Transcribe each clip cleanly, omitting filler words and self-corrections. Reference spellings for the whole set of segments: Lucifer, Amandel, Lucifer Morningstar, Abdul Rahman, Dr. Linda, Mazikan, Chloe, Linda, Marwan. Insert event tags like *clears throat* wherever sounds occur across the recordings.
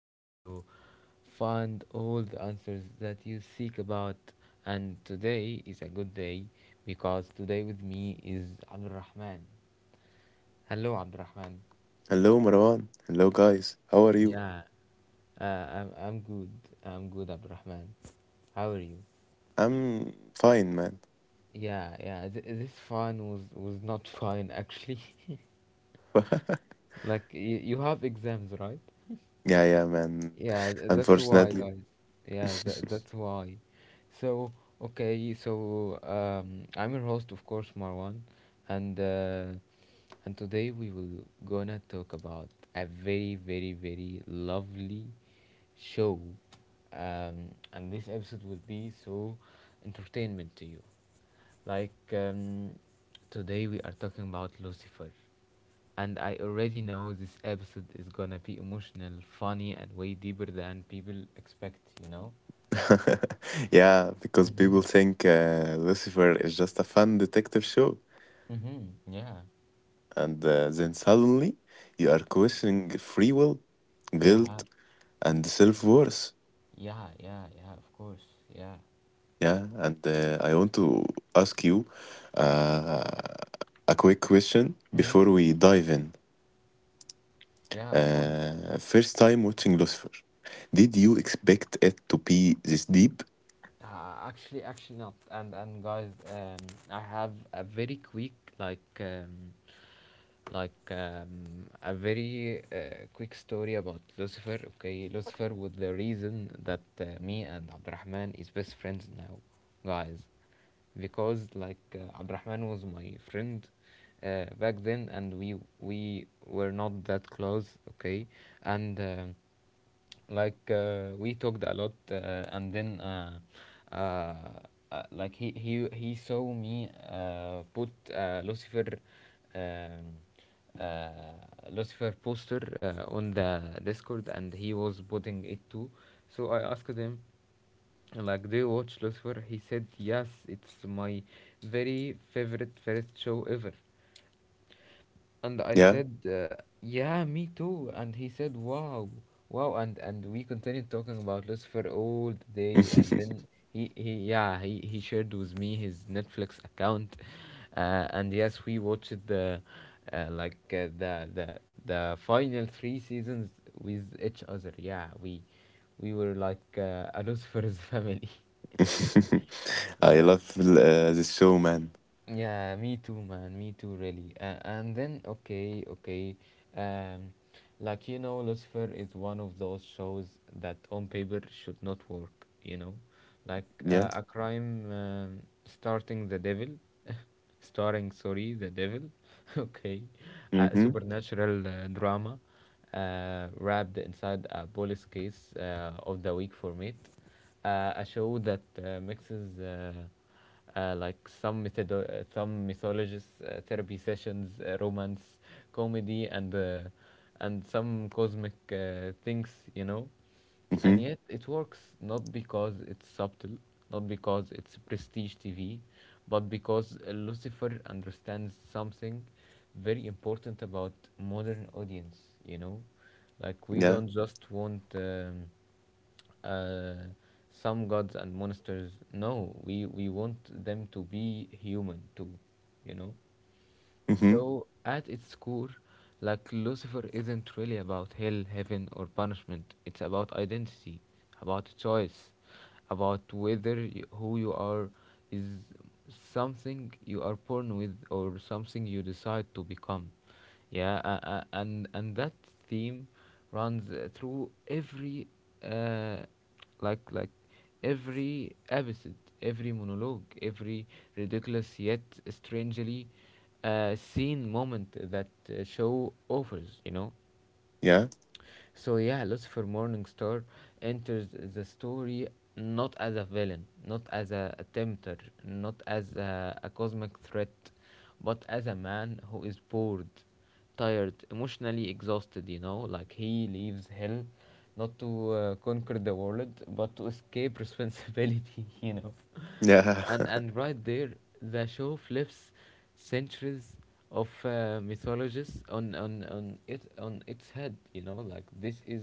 where you find all the answers that you seek about. And today is a good day because today with me is Abdul Rahman. Hello, Abdul Rahman. Hello, Marwan. Hello, guys. How are you? Yeah, I'm good. I'm good, Abdul Rahman. How are you? I'm fine, man. Yeah, yeah, this fun was not fun actually. *laughs* *laughs* Like, you have exams, right? Yeah, yeah, man. Yeah, that's why, Unfortunately. guys. Yeah, that's *laughs* why. So, okay, so I'm your host, of course, Marwan, and uh, and today we will gonna talk about a very, very, very lovely show, and this episode will be so entertainment to you. Like um, Today we are talking about Lucifer. And I already know this episode is gonna be emotional, funny, and way deeper than people expect, you know? Yeah, because people Mhm. think Lucifer is just a fun detective show. Mm-hmm. Yeah. And then suddenly you are questioning free will, Yeah. Guilt, and self worth. Yeah. Yeah. Yeah. Of course. Yeah. Yeah, and I want to ask you uh, a quick question Mm-hmm. before we dive in. Yeah. Of course. First time watching Lucifer. Did you expect it to be this deep? Actually, not. And guys, I have a very quick like um, a very quick story about Lucifer. Okay, Lucifer was the reason that me and Abdurrahman is best friends now, guys, because Abdurrahman was my friend back then, and we were not that close. Okay, and we talked a lot and then uh, like he saw me put lucifer um, uh, lucifer poster on the discord and he was putting it too, so I asked him, like, do you watch lucifer? He said, yes, it's my very favorite first show ever. And I Yeah. said, *laughs* yeah, me too. And he said, wow, wow. And, we continued talking about Lucifer all day. And then he yeah, he shared with me his Netflix account. And yes, we watched the, the, the final three seasons with each other. Yeah, we were a Lucifer's *laughs* family. I Yeah. love this show, man. Yeah, me too, man. Me too, really. And then, okay, okay. Um, like, you know, Lucifer is one of those shows that on paper should not work, you know? Yeah. A crime, starting the devil. *laughs* *laughs* Starring, sorry, the devil. *laughs* Okay, a Mm-hmm. supernatural drama wrapped inside a police case of the week for me, a show that mixes like some method, some mythologists, therapy sessions, romance, comedy, and some cosmic things, you know. And Mm-hmm. yet it works not because it's subtle, not because it's prestige TV, but because Lucifer understands something very important about modern audience, you know? Like we Yeah. don't just want uh, some gods and monsters. No, we want them to be human too, you know? Mm-hmm. So, at its core, like Lucifer isn't really about hell, heaven, or punishment. It's about identity, about choice, about whether who you are is something you are born with or something you decide to become. Yeah, and that theme runs through every uh, like like every episode, every monologue, every ridiculous yet strangely seen moment that show offers. You know, Yeah. so yeah, Lucifer Morningstar enters the story not as a villain, not as a tempter, not as a cosmic threat, but as a man who is bored, tired, emotionally exhausted, you know, like he leaves hell not to conquer the world, but to escape responsibility. *laughs* You know, Yeah. and *laughs* right there the show flips centuries of mythologists on it on its head, you know. Like this is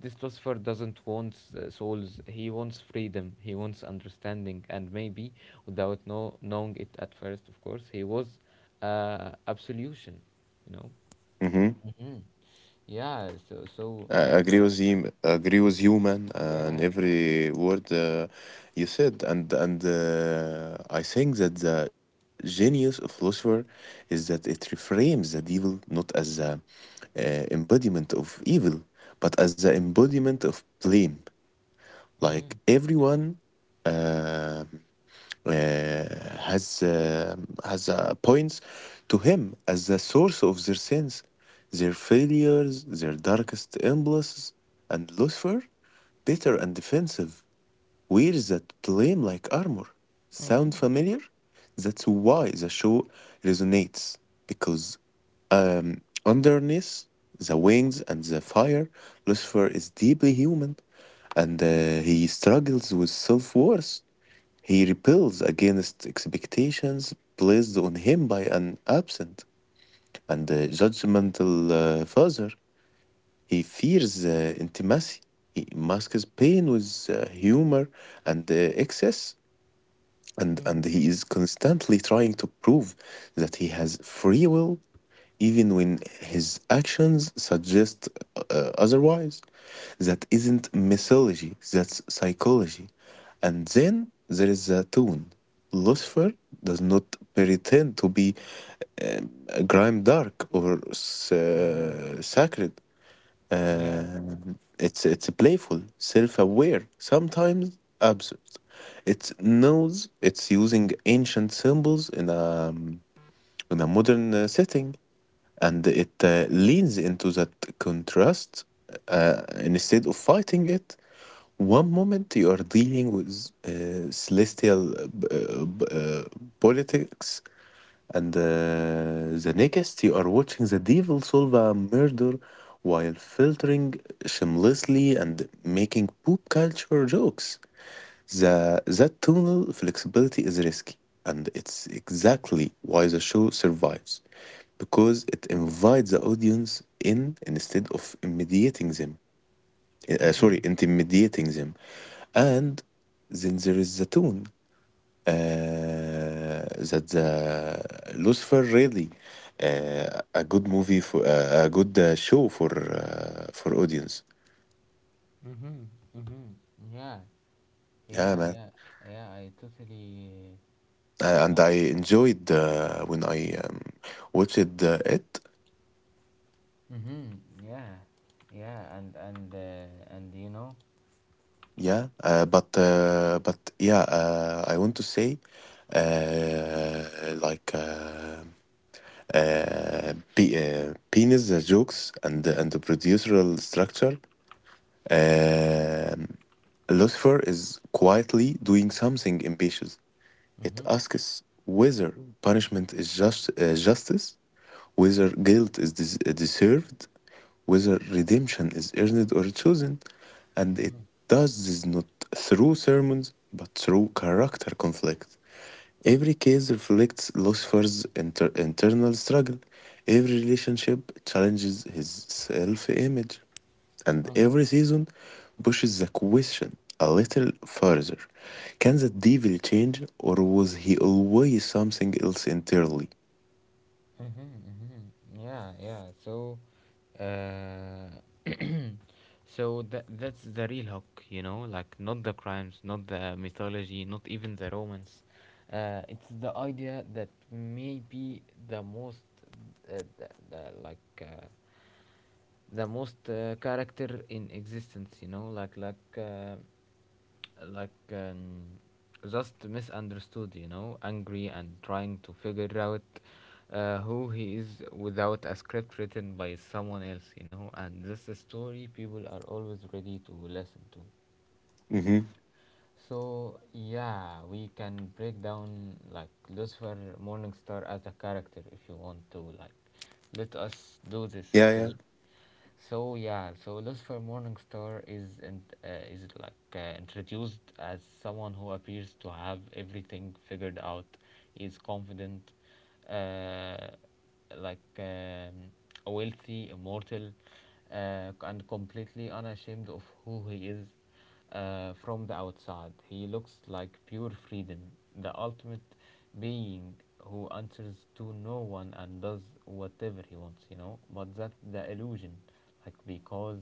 this philosopher doesn't want souls. He wants freedom, he wants understanding, and maybe without no knowing it at first, of course, he was absolution, you know. mm-hmm. Hmm. Yeah, so I like agree like with him. Agree with you, man, and yeah. every word you said. And I think that the genius of philosopher is that it reframes the devil not as the uh, embodiment of evil, but as the embodiment of blame. Like Mm-hmm. everyone. uh, uh, has uh, has points to him as the source of their sins, their failures, their darkest impulses, and Lucifer, bitter and defensive, wears that blame like armor. Sound Mm-hmm. familiar? That's why the show resonates because underneath the wings and the fire, Lucifer is deeply human, and he struggles with self worth. He rebels against expectations placed on him by an absent and judgmental father. He fears intimacy. He masks pain with humor and excess. And Mm-hmm. he is constantly trying to prove that he has free will, even when his actions suggest otherwise. That isn't mythology, that's psychology. And then there is the tone. Lucifer does not pretend to be um, grime dark or Mm-hmm. Sacred. Yeah. Um it's playful, self-aware, sometimes absurd. It knows it's using ancient symbols um, in a modern setting, and it leans into that contrast instead of fighting it. One moment you are dealing with celestial politics, and the next you are watching the devil solve a murder while filtering shamelessly and making poop culture jokes. That tunnel flexibility is risky, and it's exactly why the show survives because it invites the audience in instead of intimidating them. Mm-hmm. Intimidating them. And then there is the tone that the Lucifer really a good movie for a good show for audience. Mm-hmm. Mm-hmm. Yeah. Yeah, Yeah, man. yeah, yeah. I totally. And Uh, I enjoyed when I watched it. mm-hmm. Yeah, yeah, and you know. Yeah, but yeah, I want to say uh, like. Uh, uh, pe- penis jokes and the procedural structure. Um, Lucifer is quietly doing something ambitious. It Mm-hmm. asks whether punishment is just justice, whether guilt is deserved, whether redemption is earned or chosen, and it Mm-hmm. does this not through sermons but through character conflict. Every case reflects Lucifer's internal struggle. Every relationship challenges his self image and Mm-hmm. every season pushes the question a little further. Can the devil change, or was he always something else entirely? Mm-hmm, mm-hmm. Yeah, yeah. So, uh, that's the real hook, you know, like not the crimes, not the mythology, not even the romance. It's the idea that maybe the most, uh, the, the, like, uh, the most character in existence, you know, like um, just misunderstood, you know, angry and trying to figure out who he is without a script written by someone else, you know, and this story people are always ready to listen to. Mm-hmm. So yeah, we can break down like Lucifer Morningstar as a character if you want to. Like, let us do this, Yeah, yeah, okay? So yeah, so Lucifer Morningstar is in, is like introduced as someone who appears to have everything figured out. Is confident, uh, like um, a wealthy, immortal, and completely unashamed of who he is from the outside. He looks like pure freedom, the ultimate being who answers to no one and does whatever he wants, you know. But that's the illusion, like, because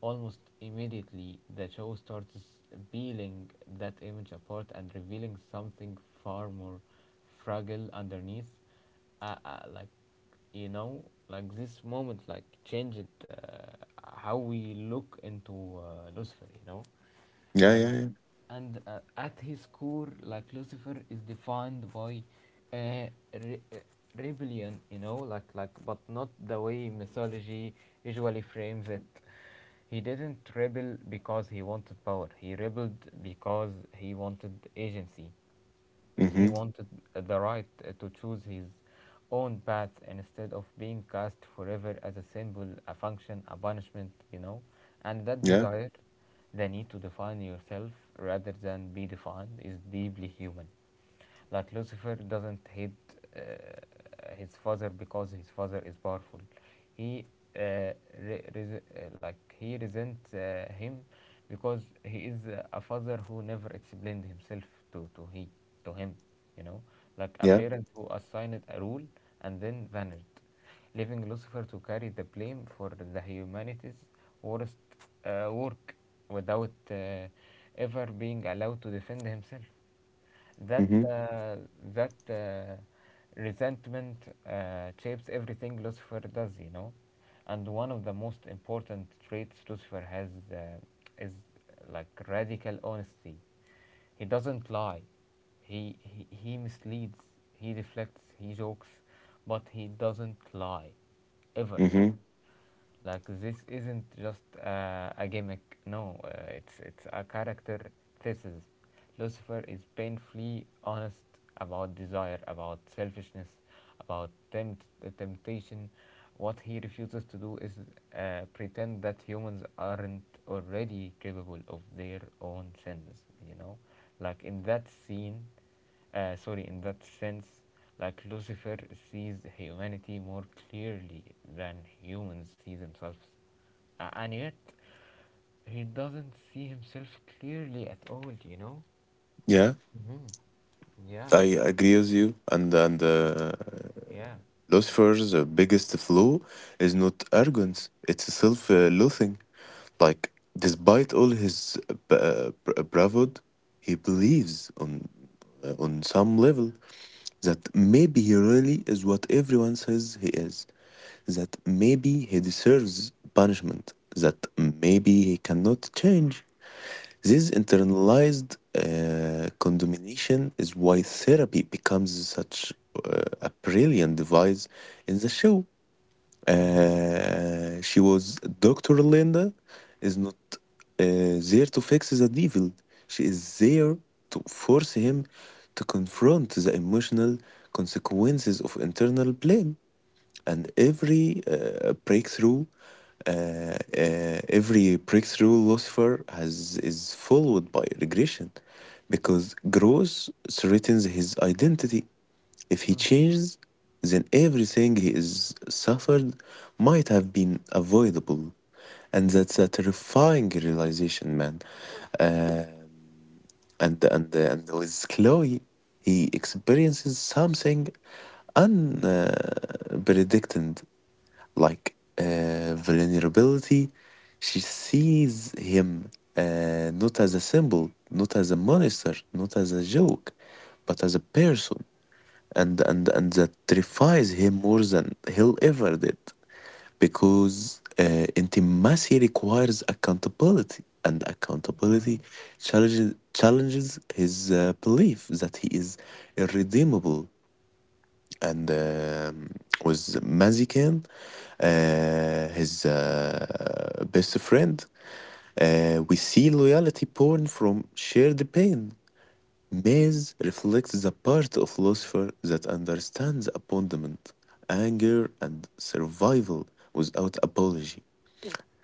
almost immediately the show starts peeling that image apart and revealing something far more fragile underneath. uh, uh, like you know, like this moment like changed how we look into lucifer, you know. yeah, yeah, And yeah. At his core like lucifer is defined by uh, re- uh, rebellion, you know. But not the way mythology usually frames it. He didn't rebel because he wanted power. He rebelled because he wanted agency. He Mm-hmm. wanted the right to choose his own path instead of being cast forever as a symbol, a function, a punishment, you know. And that Yeah, desire, the need to define yourself rather than be defined, is deeply human. Like Lucifer doesn't hate his father because his father is powerful. He uh, resents him because he is a father who never explained himself to to he to him. You know, like a yeah. parent who assigned a rule and then vanished, leaving Lucifer to carry the blame for the humanity's worst work without ever being allowed to defend himself. That Mm-hmm. uh, that resentment shapes everything Lucifer does, you know. And one of the most important traits Lucifer has is like radical honesty. He doesn't lie. He, he misleads. He deflects. He jokes, but he doesn't lie, ever. Mm-hmm. Like this isn't just a gimmick. No, it's it's a character thesis. Lucifer is painfully honest about desire, about selfishness, about temptation. What he refuses to do is pretend that humans aren't already capable of their own sins. You know, like in that scene, sorry, in that sense, like lucifer sees humanity more clearly than humans see themselves. And yet he doesn't see himself clearly at all, you know. Yeah, Yeah. I agree with you. And Yeah. Lucifer's biggest flaw is not arrogance; it's self-loathing. Like, despite all his bravado, he believes on some level that maybe he really is what everyone says he is, that maybe he deserves punishment, that maybe he cannot change. This internalized condemnation is why therapy becomes such a brilliant device in the show. Mm-hmm, She was Dr. Linda. Is not there to fix the devil. She is there to force him to confront the emotional consequences of internal blame. And every uh, every breakthrough Lucifer has is followed by regression, because growth threatens his identity. If he mm-hmm, changes, then everything he is suffered might have been avoidable. And that's a terrifying realization, man. Um, and with Chloe, he experiences something unpredicted, like vulnerability. She sees him not as a symbol, not as a monster, not as a joke, but as a person, and that terrifies him more than he'll ever did because intimacy requires accountability, and accountability challenges his belief that he is irredeemable. And With Mazikan, his best friend, we see loyalty born from shared pain. Maze reflects the part of philosopher that understands abandonment, anger, and survival without apology.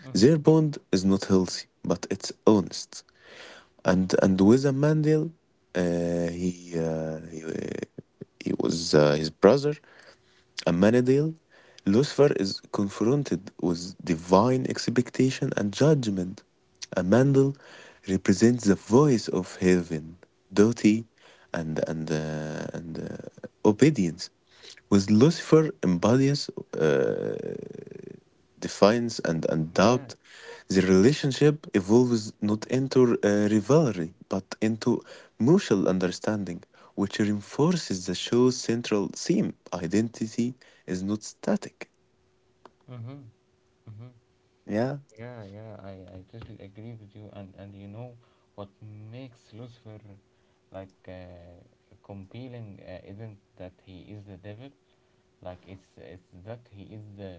mm-hmm. Their bond is not healthy, but it's honest. And with Amandel, uh, he, uh, he uh, he was his brother. Ammanadale, Lucifer is confronted with divine expectation and judgment. Amandel represents the voice of heaven, duty, and obedience. With Lucifer embodies uh, defines and Yeah. doubt, the relationship evolves not into rivalry, but into mutual understanding, which reinforces the show's central theme identity is not static. Mm-hmm, mm-hmm. Yeah, Yeah, yeah, I totally agree with you. And you know what makes Lucifer like uh, compelling isn't that he is the devil, like it's that he is the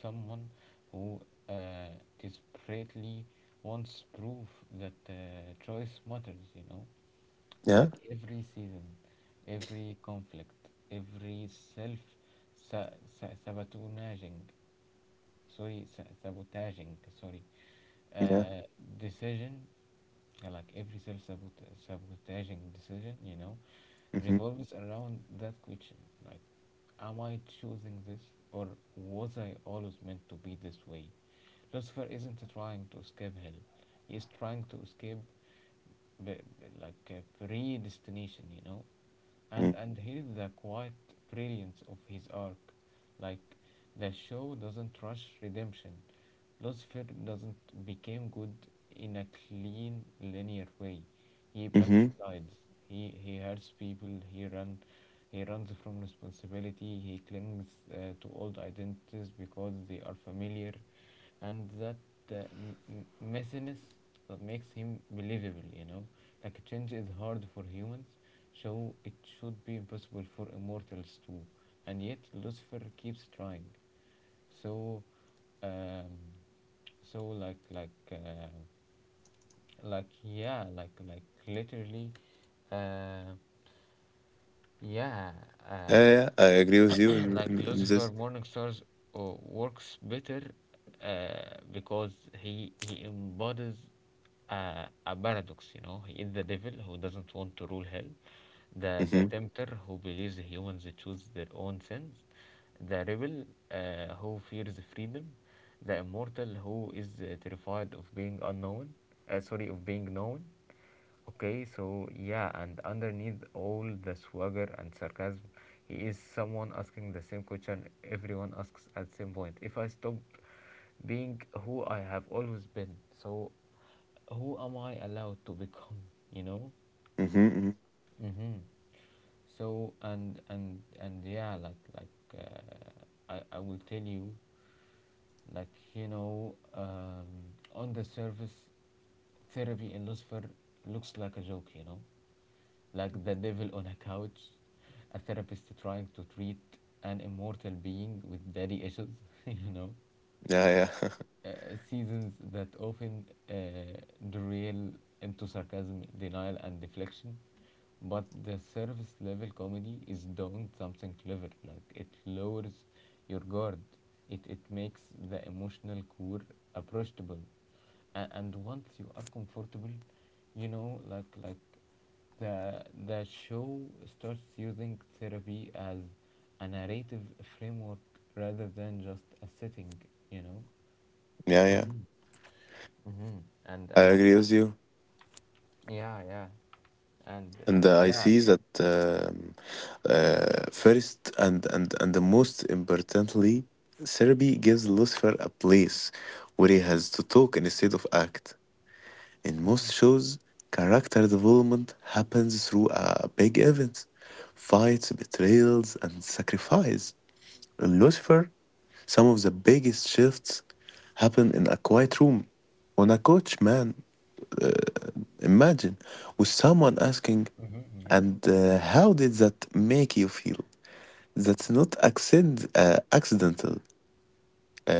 someone who uh, desperately wants proof that choice matters. You know, yeah, like every season, every conflict, every self sabotaging, sorry, sabotaging, sorry, yeah. uh, decision, every self sabotaging decision, you know, Mm-hmm. revolves around that question, like, am I choosing this or was I always meant to be this way? Lucifer isn't trying to escape hell, he's trying to escape b- predestination, you know. mm, And here is the quiet brilliance of his arc. Like, the show doesn't rush redemption. Lucifer doesn't become good in a clean, linear way. He Mm-hmm. backslides. He hurts people. He runs from responsibility. He clings to old identities because they are familiar, and that messiness that makes him believable. You know, like change is hard for humans, so it should be impossible for immortals too. And yet Lucifer keeps trying. So um so like yeah like literally uh yeah uh Yeah, yeah, I agree with you *clears throat* like in Lucifer this. Morningstar's works better because he embodies a paradox. You know, he is the devil who doesn't want to rule hell, the Mm-hmm. tempter who believes humans choose their own sins, the rebel who fears freedom, the immortal who is terrified of being unknown. Sorry, of being known. Okay, so yeah, and underneath all the swagger and sarcasm, he is someone asking the same question everyone asks at same point. If I stop being who I have always been, so who am I allowed to become? You know. Mm-hmm. mm-hmm. Mm-hmm so and yeah, I will tell you, like you know on the surface, therapy in Lucifer looks like a joke. Like the devil on a couch, a therapist trying to treat an immortal being with daddy issues *laughs* you know Yeah, yeah. uh, seasons that often uh, derail into sarcasm, denial, and deflection. But the surface level comedy is doing something clever. Like it lowers your guard. It makes the emotional core approachable, and, once you are comfortable, like the show starts using therapy as a narrative framework rather than just a setting. You know. *laughs* yeah, yeah. Mhm. Mm-hmm. I And agree with you. yeah, yeah, And and I yeah, see that first and the most importantly, therapy gives Lucifer a place where he has to talk instead of act. In mm-hmm. most shows, character development happens through a big events, fights, betrayals, and sacrifice. In Lucifer, some of the biggest shifts happen in a quiet room on a couch, man. Imagine with someone asking, Mm-hmm. Yeah, and how did that make you feel? That's not accidental.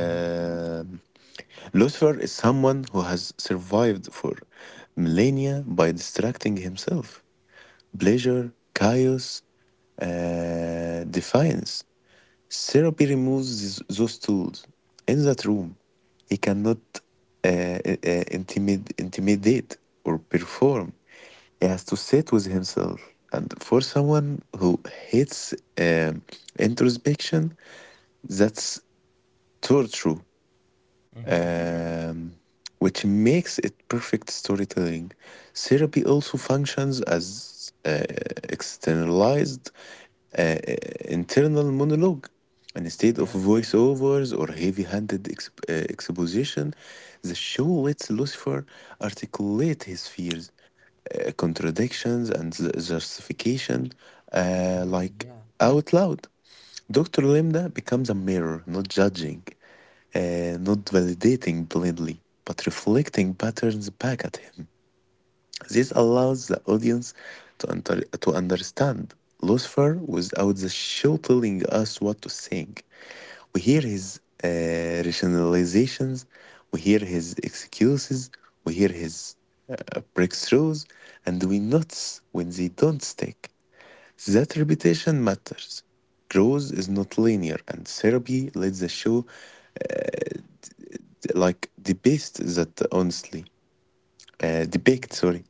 mm-hmm. Lucifer is someone who has survived for millennia by distracting himself. Pleasure, chaos, defiance. Therapy removes those tools. In that room, he cannot intimidate or perform. He has to sit with himself. And for someone who hates um, introspection, that's torture, Mm-hmm. um, which makes it perfect storytelling. Therapy also functions as externalized uh, internal monologue. And instead of Yeah, voiceovers or heavy handed exposition, the show lets Lucifer articulate his fears, contradictions, and justification uh, mm-hmm. like Yeah, out loud. Dr. Limda becomes a mirror, not judging, not validating blindly, but reflecting patterns back at him. This allows the audience to understand Lucifer without the show telling us what to think. We hear his rationalizations, we hear his excuses, we hear his breakthroughs, and we notice when they don't stick. That repetition matters. Growth is not linear, and therapy lets us show like the best that honestly, mm-hmm. depict, sorry.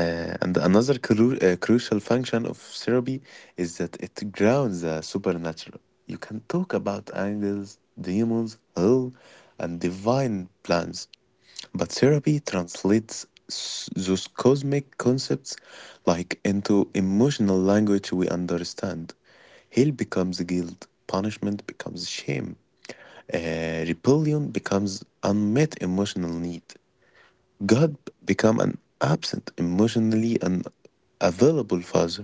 And another crucial function of therapy is that it grounds the supernatural. You can talk about angels, demons, hell, and divine plans, but therapy translates those cosmic concepts like into emotional language we understand. Hell becomes guilt, punishment becomes shame, rebellion becomes unmet emotional need. God became an absent, emotionally unavailable father.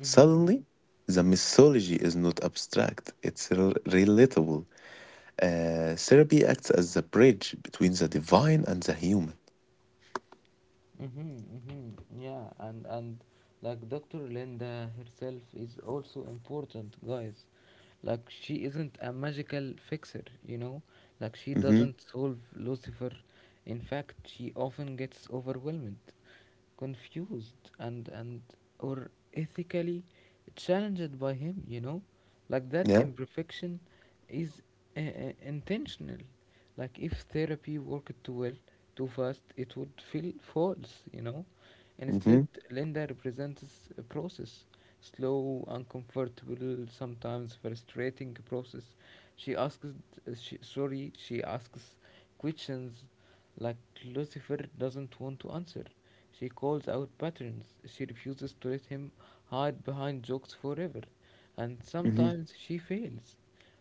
Mm-hmm. the mythology is not abstract, it's relatable. Therapy acts as the bridge between the divine and the human. Mm-hmm. Mm-hmm. Yeah, and like Dr. Linda herself is also important, guys. Like she isn't a magical fixer, you know. Like she Mm-hmm. doesn't solve Lucifer. In fact, she often gets overwhelmed, confused, and or ethically challenged by him. Like that Yeah. imperfection is intentional. Like if therapy worked too well, too fast, it would feel false, you know. Mm-hmm. Instead, Linda represents a process, slow, uncomfortable, sometimes frustrating process. She asks questions like Lucifer doesn't want to answer. She calls out patterns. She refuses to let him hide behind jokes forever. And Mm-hmm. sometimes she fails,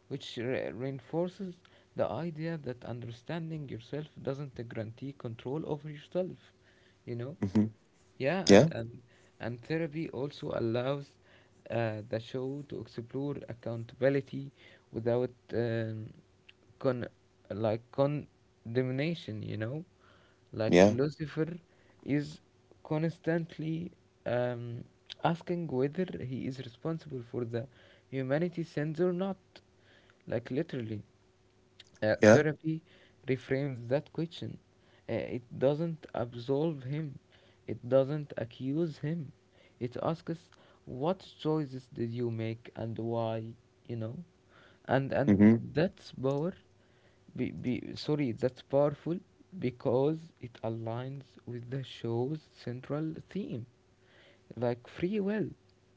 which reinforces the idea that understanding yourself doesn't guarantee control over yourself, you know? Mm-hmm. Yeah, and Yeah. and and therapy also allows the show to explore accountability without con like condemnation, you know? Like Yeah. Lucifer is constantly um, asking whether he is responsible for the humanity sins or not. Like literally. Yeah. Therapy reframes that question. It doesn't absolve him, it doesn't accuse him. It asks, what choices did you make and why? You know? And Mm-hmm. that's power. That's powerful because it aligns with the show's central theme, like free will,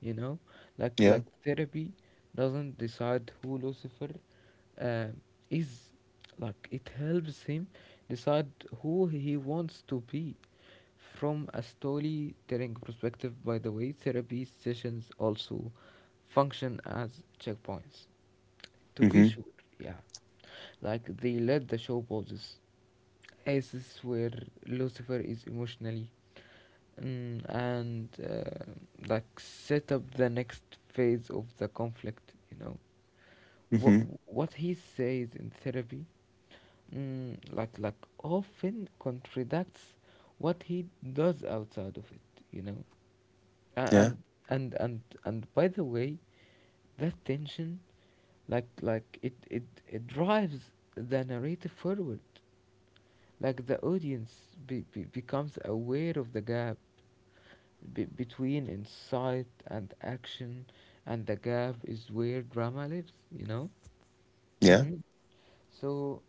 you know. like Yeah. like therapy doesn't decide who Lucifer uh, is. Like it helps him decide who he wants to be. From a storytelling perspective, by the way, therapy sessions also function as checkpoints, to be Mm-hmm. sure, yeah, like they let the show pauses. This is where Lucifer is emotionally, Mm, and like set up the next phase of the conflict, you know. what Mm-hmm. what he says in therapy, like often contradicts what he does outside of it, you know. A- Yeah. and and by the way, that tension, it drives the narrative forward, like the audience becomes aware of the gap between insight and action, and the gap is where drama lives, you know? Yeah. Hmm. So,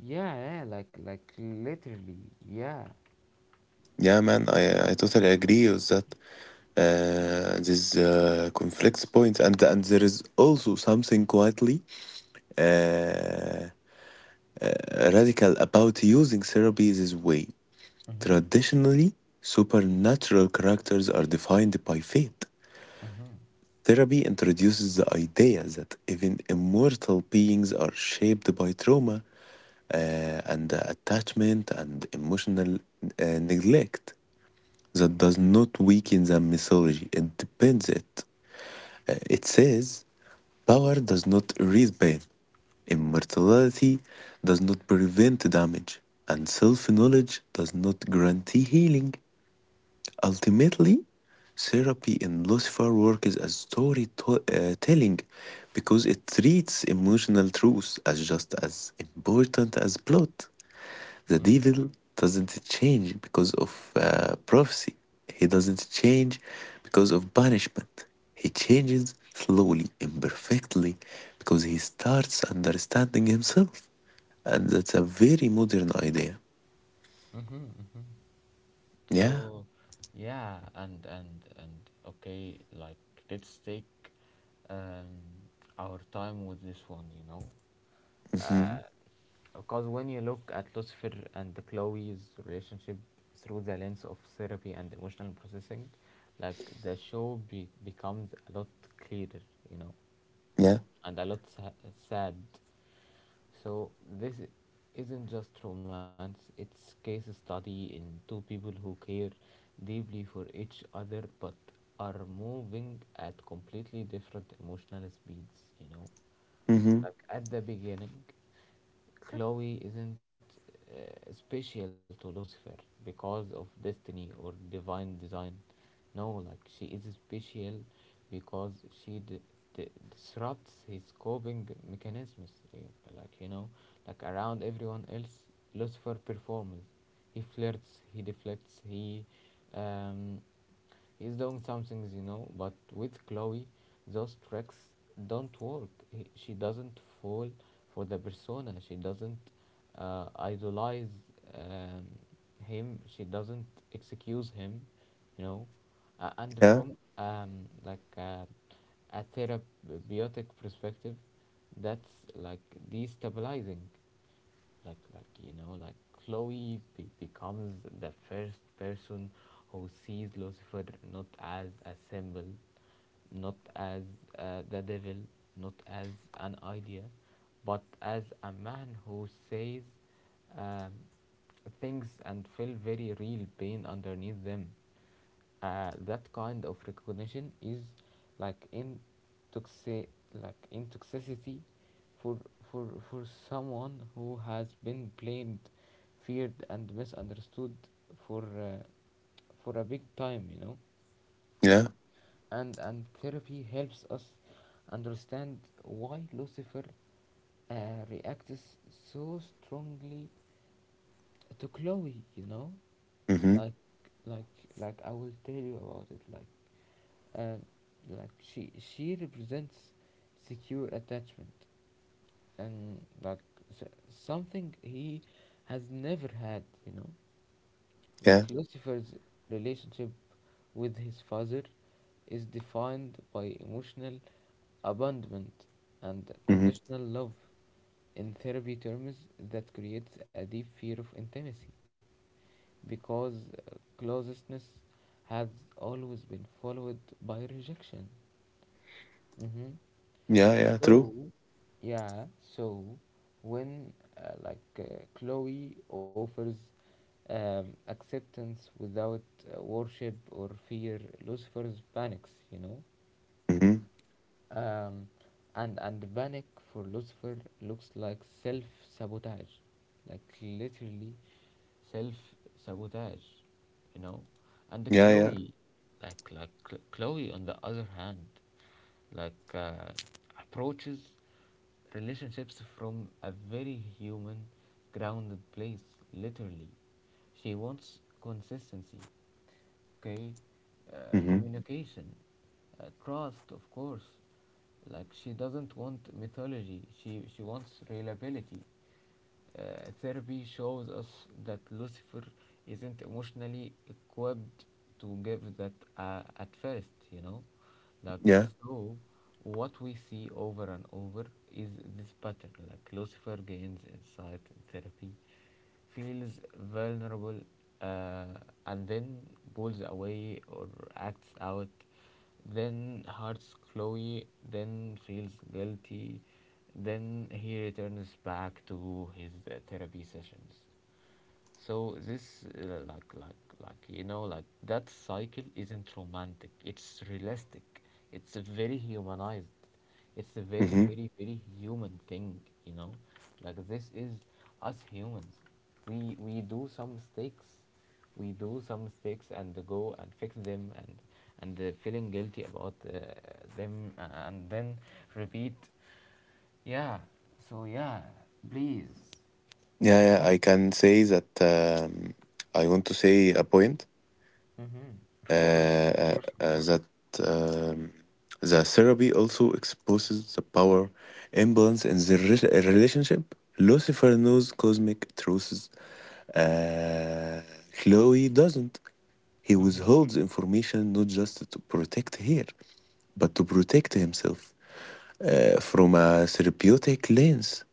yeah, yeah, like literally, yeah. Yeah, man, I totally agree with that these conflicts points, and there is also something quietly uh, radical about using therapy this way. Mm-hmm. Traditionally, supernatural characters are defined by fate. Mm-hmm. Therapy introduces the idea that even immortal beings are shaped by trauma uh, and attachment and emotional uh, neglect. That does not weaken the mythology, it depends it. It says, power does not erase pain, immortality does not prevent damage, and self knowledge does not guarantee healing. Ultimately, therapy in Lucifer works as storytelling because it treats emotional truth as just as important as plot. The Mm-hmm. devil doesn't change because of prophecy, he doesn't change because of punishment. He changes slowly, imperfectly, because he starts understanding himself. And that's a very modern idea. Mm-hmm. Hmm. Yeah. So, yeah, and okay, like let's take um our time with this one, you know. hmm Uh, Because when you look at Lucifer and Chloe's relationship through the lens of therapy and emotional processing, like the show becomes a lot clearer, you know, Yeah. and a lot sad. So this isn't just romance; it's case study in two people who care deeply for each other but are moving at completely different emotional speeds, you know. hmm Like at the beginning, Chloe isn't special to Lucifer because of destiny or divine design. No, like she is special because she d- disrupts his coping mechanisms. Like you know, like around everyone else, Lucifer performs. He flirts. He deflects. Um, He's doing some things, you know, but with Chloe, those tricks don't work. She doesn't fall for the persona. She doesn't idolize um, him. She doesn't excuse him, you know. And Yeah. from like a therapeutic perspective, that's like destabilizing. Like Chloe becomes the first person who sees Lucifer not as a symbol, not as the devil, not as an idea, but as a man who says um, things and feel very real pain underneath them. That kind of recognition is like in toxi- like in for for someone who has been blamed, feared and misunderstood for a big time, you know. Yeah. And therapy helps us understand why Lucifer uh, reacts so strongly to Chloe. You know, hmm like I will tell you about it. Um, she represents secure attachment, and like something he has never had. You know, Yeah. like Lucifer's relationship with his father is defined by emotional abandonment, and hmm conditional love. In therapy terms, that creates a deep fear of intimacy because closeness has always been followed by rejection. Hmm. Yeah. Yeah. True. So, yeah, so when Chloe offers acceptance without worship or fear, Lucifer panics, you know. Hmm Um, and panic for Lucifer looks like self sabotage, like literally self sabotage, you know. And Yeah. Yeah. Chloe, like like Chloe on the other hand, like uh, approaches relationships from a very human, grounded place, literally. She wants consistency, okay? Hmm Communication, trust, of course. Like she doesn't want mythology. She wants reliability. Uh, Therapy shows us that Lucifer isn't emotionally equipped to give that at first, you know? Like, Yeah. so what we see over and over is this pattern. Like, Lucifer gains insight in therapy, feels vulnerable, uh, and then pulls away or acts out, then hurts Chloe, then feels guilty, then he returns back to his therapy sessions. So this, like that cycle isn't romantic. It's realistic. It's a very humanized. It's a very, hmm very, very human thing. You know, like this is us humans. We do some mistakes. We do some mistakes and go and fix them, and feeling guilty about them, and then repeat. Yeah. So yeah, please. Yeah. Yeah. I can say that I want to say a point. Mm-hmm. Of course, uh, of uh, course. That um, the therapy also exposes the power imbalance in the relationship. Lucifer knows cosmic truths. Uh, Chloe doesn't. He Mhm, withholds information not just to protect her, but to protect himself from a therapeutic lens.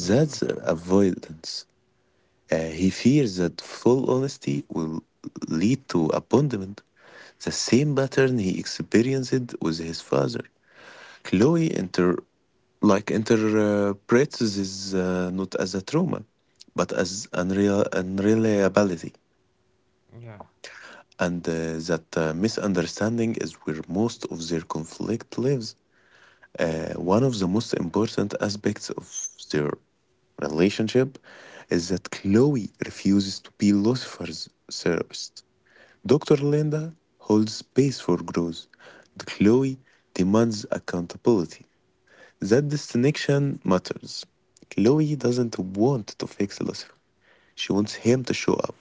mhm, avoidance. He fears that full honesty will lead to abandonment, the same pattern he experienced with his father. Chloe interprets this not as a trauma, but as unreal unreliability, yeah, and that misunderstanding is where most of their conflict lives. One of the most important aspects of their relationship is that Chloe refuses to be Lucifer's therapist. Dr. Linda holds space for growth, and Chloe demands accountability. That distinction matters. Chloe doesn't want to fix Lucifer, she wants him to show up,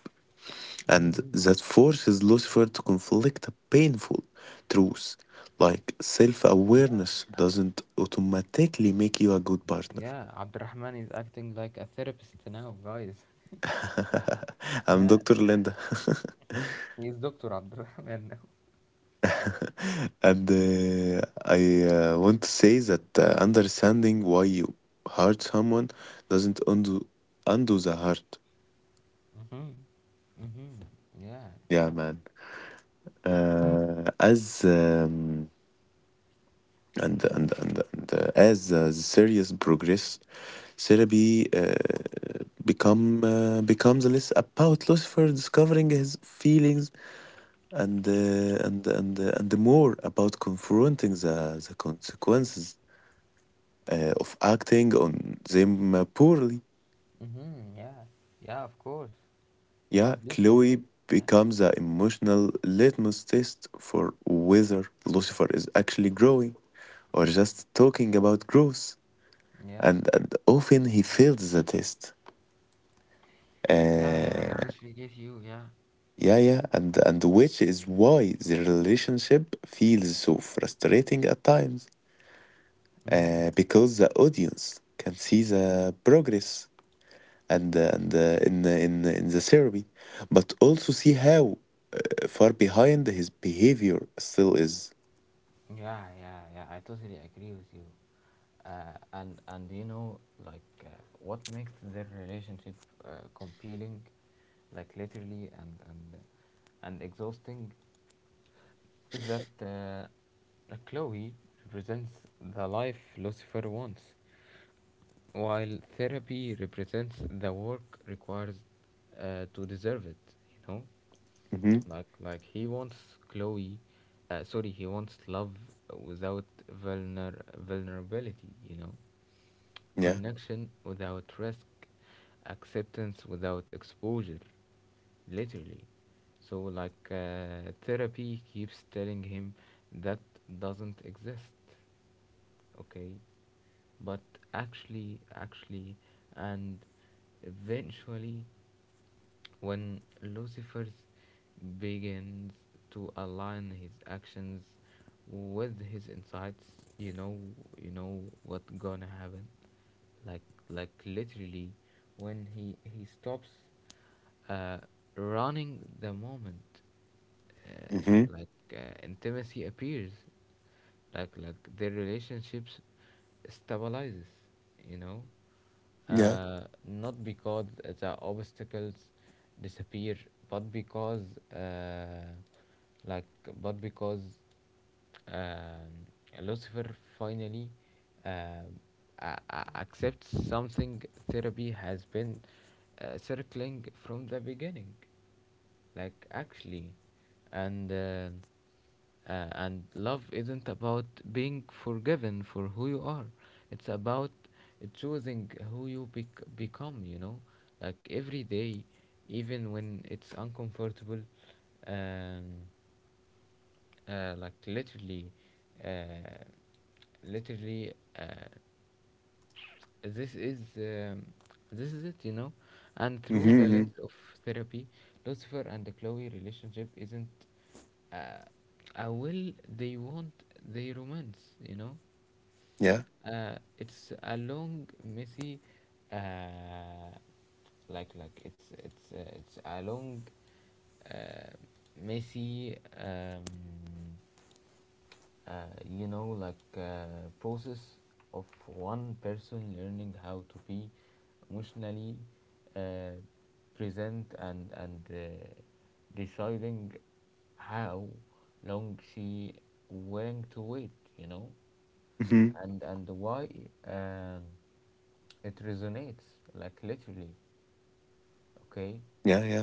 and mhm, that forces Lucifer to conflict a painful truth, like self yeah, awareness doesn't automatically make you a good partner. yeah. Abdurrahman is acting like a therapist now, guys. *laughs* I'm Yeah, Dr. Linda. he's Doctor Abdurrahman now. *laughs* And I want to say that understanding why you hurt someone doesn't undo the hurt. Mhm, mhm, yeah, Yeah, man. As and as the series progress, therapy uh, becomes less about Lucifer discovering his feelings and more about confronting the consequences of acting on them poorly. mhm, yeah, yeah. Of course. Yeah, Yeah, please continue. Chloe Yeah, becomes the emotional litmus test for whether Lucifer is actually growing or just talking about growth, yeah, and often he fails the test. yeah, yeah. I Uh, totally get you. Yeah. yeah, yeah, and which is why the relationship feels so frustrating at times, Mhm. Because the audience can see the progress and in the therapy, but also see how far behind his behavior still is. Yeah, yeah, yeah. I totally agree with you. And You know, like uh, what makes their relationship uh, compelling, like literally, and exhausting, is that Chloe represents the life Lucifer wants, while therapy represents the work requires to deserve it. You know. Hmm He wants Chloe, he wants love without vulnerability. You know, Yeah. connection without risk, acceptance without exposure, literally. So therapy keeps telling him that doesn't exist. Okay, but actually, actually, and eventually, when Lucifer begins to align his actions with his insights, you know, you know what gonna happen. Like, like literally, when he stops uh, running the moment, hmm intimacy appears, their relationships stabilizes, you know, Yeah. Not because the obstacles disappear, but because, uh, like but because um, Lucifer finally uh, accepts something therapy has been circling from the beginning, like actually. And uh, uh, and love isn't about being forgiven for who you are, it's about choosing who you become, you know. Like every day, even when it's uncomfortable. um, like literally, uh, literally, this is um, this is it, you know. And hmm through the hmm lens of therapy, Lucifer and the Chloe relationship isn't uh, a will they want they romance, you know. Yeah. It's a long, messy, uh, it's a long, uh, messy, uh, you know like uh, process of one person learning how to be emotionally uh, present, and deciding how long she willing to wait, you know, hmm and why um, it resonates, like literally, okay. Yeah. Yeah.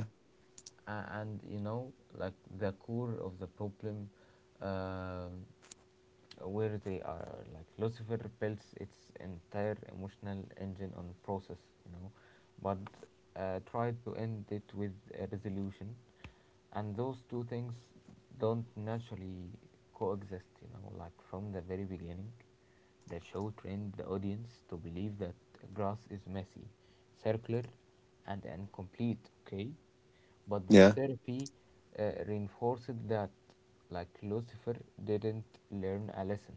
And you know, like the core of the problem, um, where they are, like Lucifer builds its entire emotional engine on process, you know, but tried to end it with a resolution, and those two things don't naturally coexist, you know. Like from the very beginning, the show trained the audience to believe that grass is messy, circular and incomplete, okay. But the Yeah. therapy reinforced that. Like Lucifer didn't learn a lesson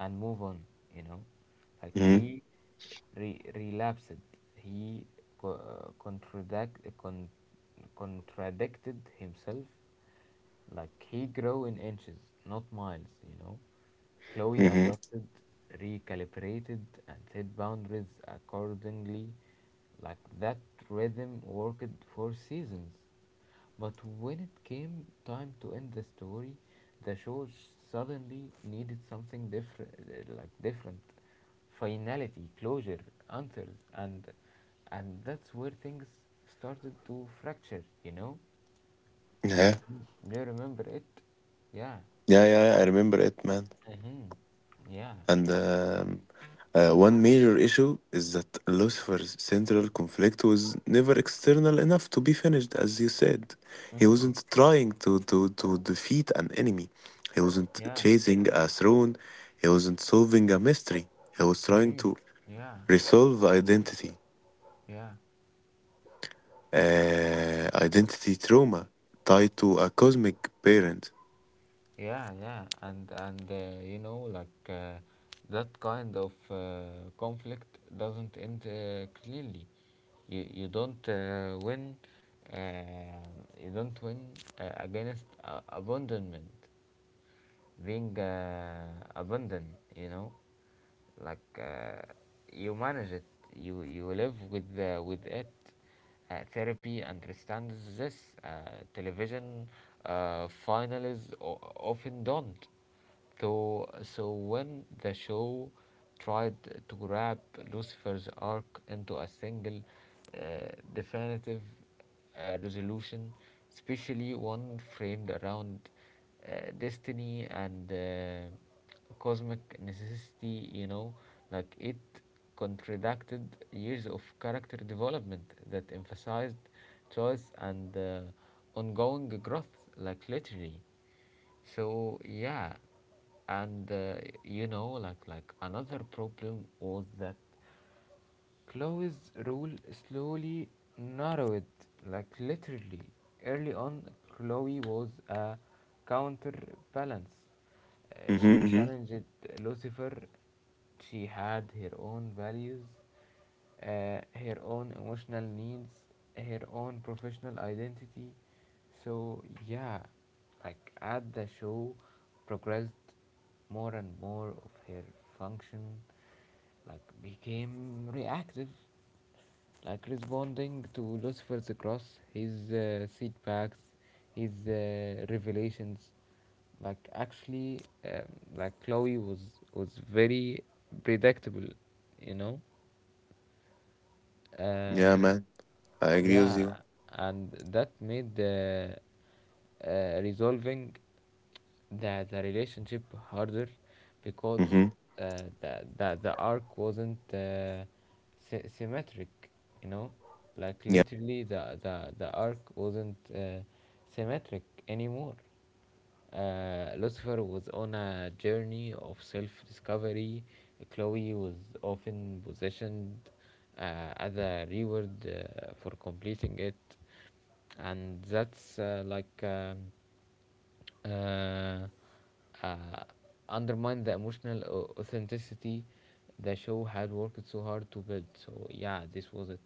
and move on, you know, like hmm he relapsed, he co- uh, contradict- con- contradicted himself. Like he grew in inches, not miles, you know. Chloe hmm adjusted, recalibrated, and set boundaries accordingly. Like that rhythm worked for seasons. But when it came time to end the story, the show suddenly needed something different, like different finality, closure, answers, and that's where things started to fracture. You know. Yeah. You remember it? Yeah. Yeah. Yeah. I remember it, man. Mm-hmm. Yeah. And One major issue is that Lucifer's central conflict was never external enough to be finished, as you said. He Mm-hmm. wasn't trying to defeat an enemy, he wasn't Yeah. chasing a throne, he wasn't solving a mystery, he was trying Mm-hmm. to Yeah. resolve identity, Yeah. Identity trauma tied to a cosmic parent. Yeah. Yeah. And You know, that kind of conflict doesn't end cleanly. You don't win. Uh, you don't win against abandonment, being abundant, you know. Like you manage it, you live with it. Therapy understands this, television finalists o- often don't. So so when the show tried to wrap Lucifer's arc into a single, uh, definitive, resolution, especially one framed around uh, destiny and cosmic necessity, you know, like it contradicted years of character development that emphasized choice and ongoing growth, like literally. So yeah, and you know, another problem was that Chloe's rule slowly narrowed, like literally. Early on, Chloe was a counterbalance. Hmm She hmm challenged Lucifer. She had her own values, her own emotional needs, her own professional identity. So, yeah, like as the show progressed, more and more of her function like became reactive, like responding to Lucifer's cross, his setbacks, his revelations. Like actually, like Chloe was very predictable, you know. Yeah, Um, man, I agree with yeah, you. and that made the resolving the relationship harder because, Hmm the arc wasn't symmetric, you know. Like literally, the arc wasn't symmetric anymore. Lucifer was on a journey of self discovery. Chloe was often positioned as a reward for completing it. And that's like, uh, uh, undermine the emotional authenticity the show had worked so hard to build. So yeah, this was it,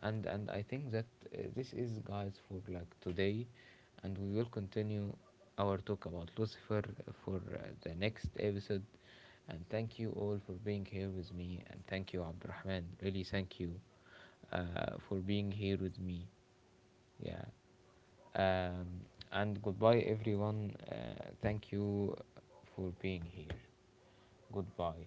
and I think that this is guys for like today, and we will continue our talk about Lucifer for the next episode. And thank you all for being here with me, and thank you Abdurrahman. Really, thank you for being here with me. Yeah. Um, and goodbye, everyone. Thank you for being here. Goodbye.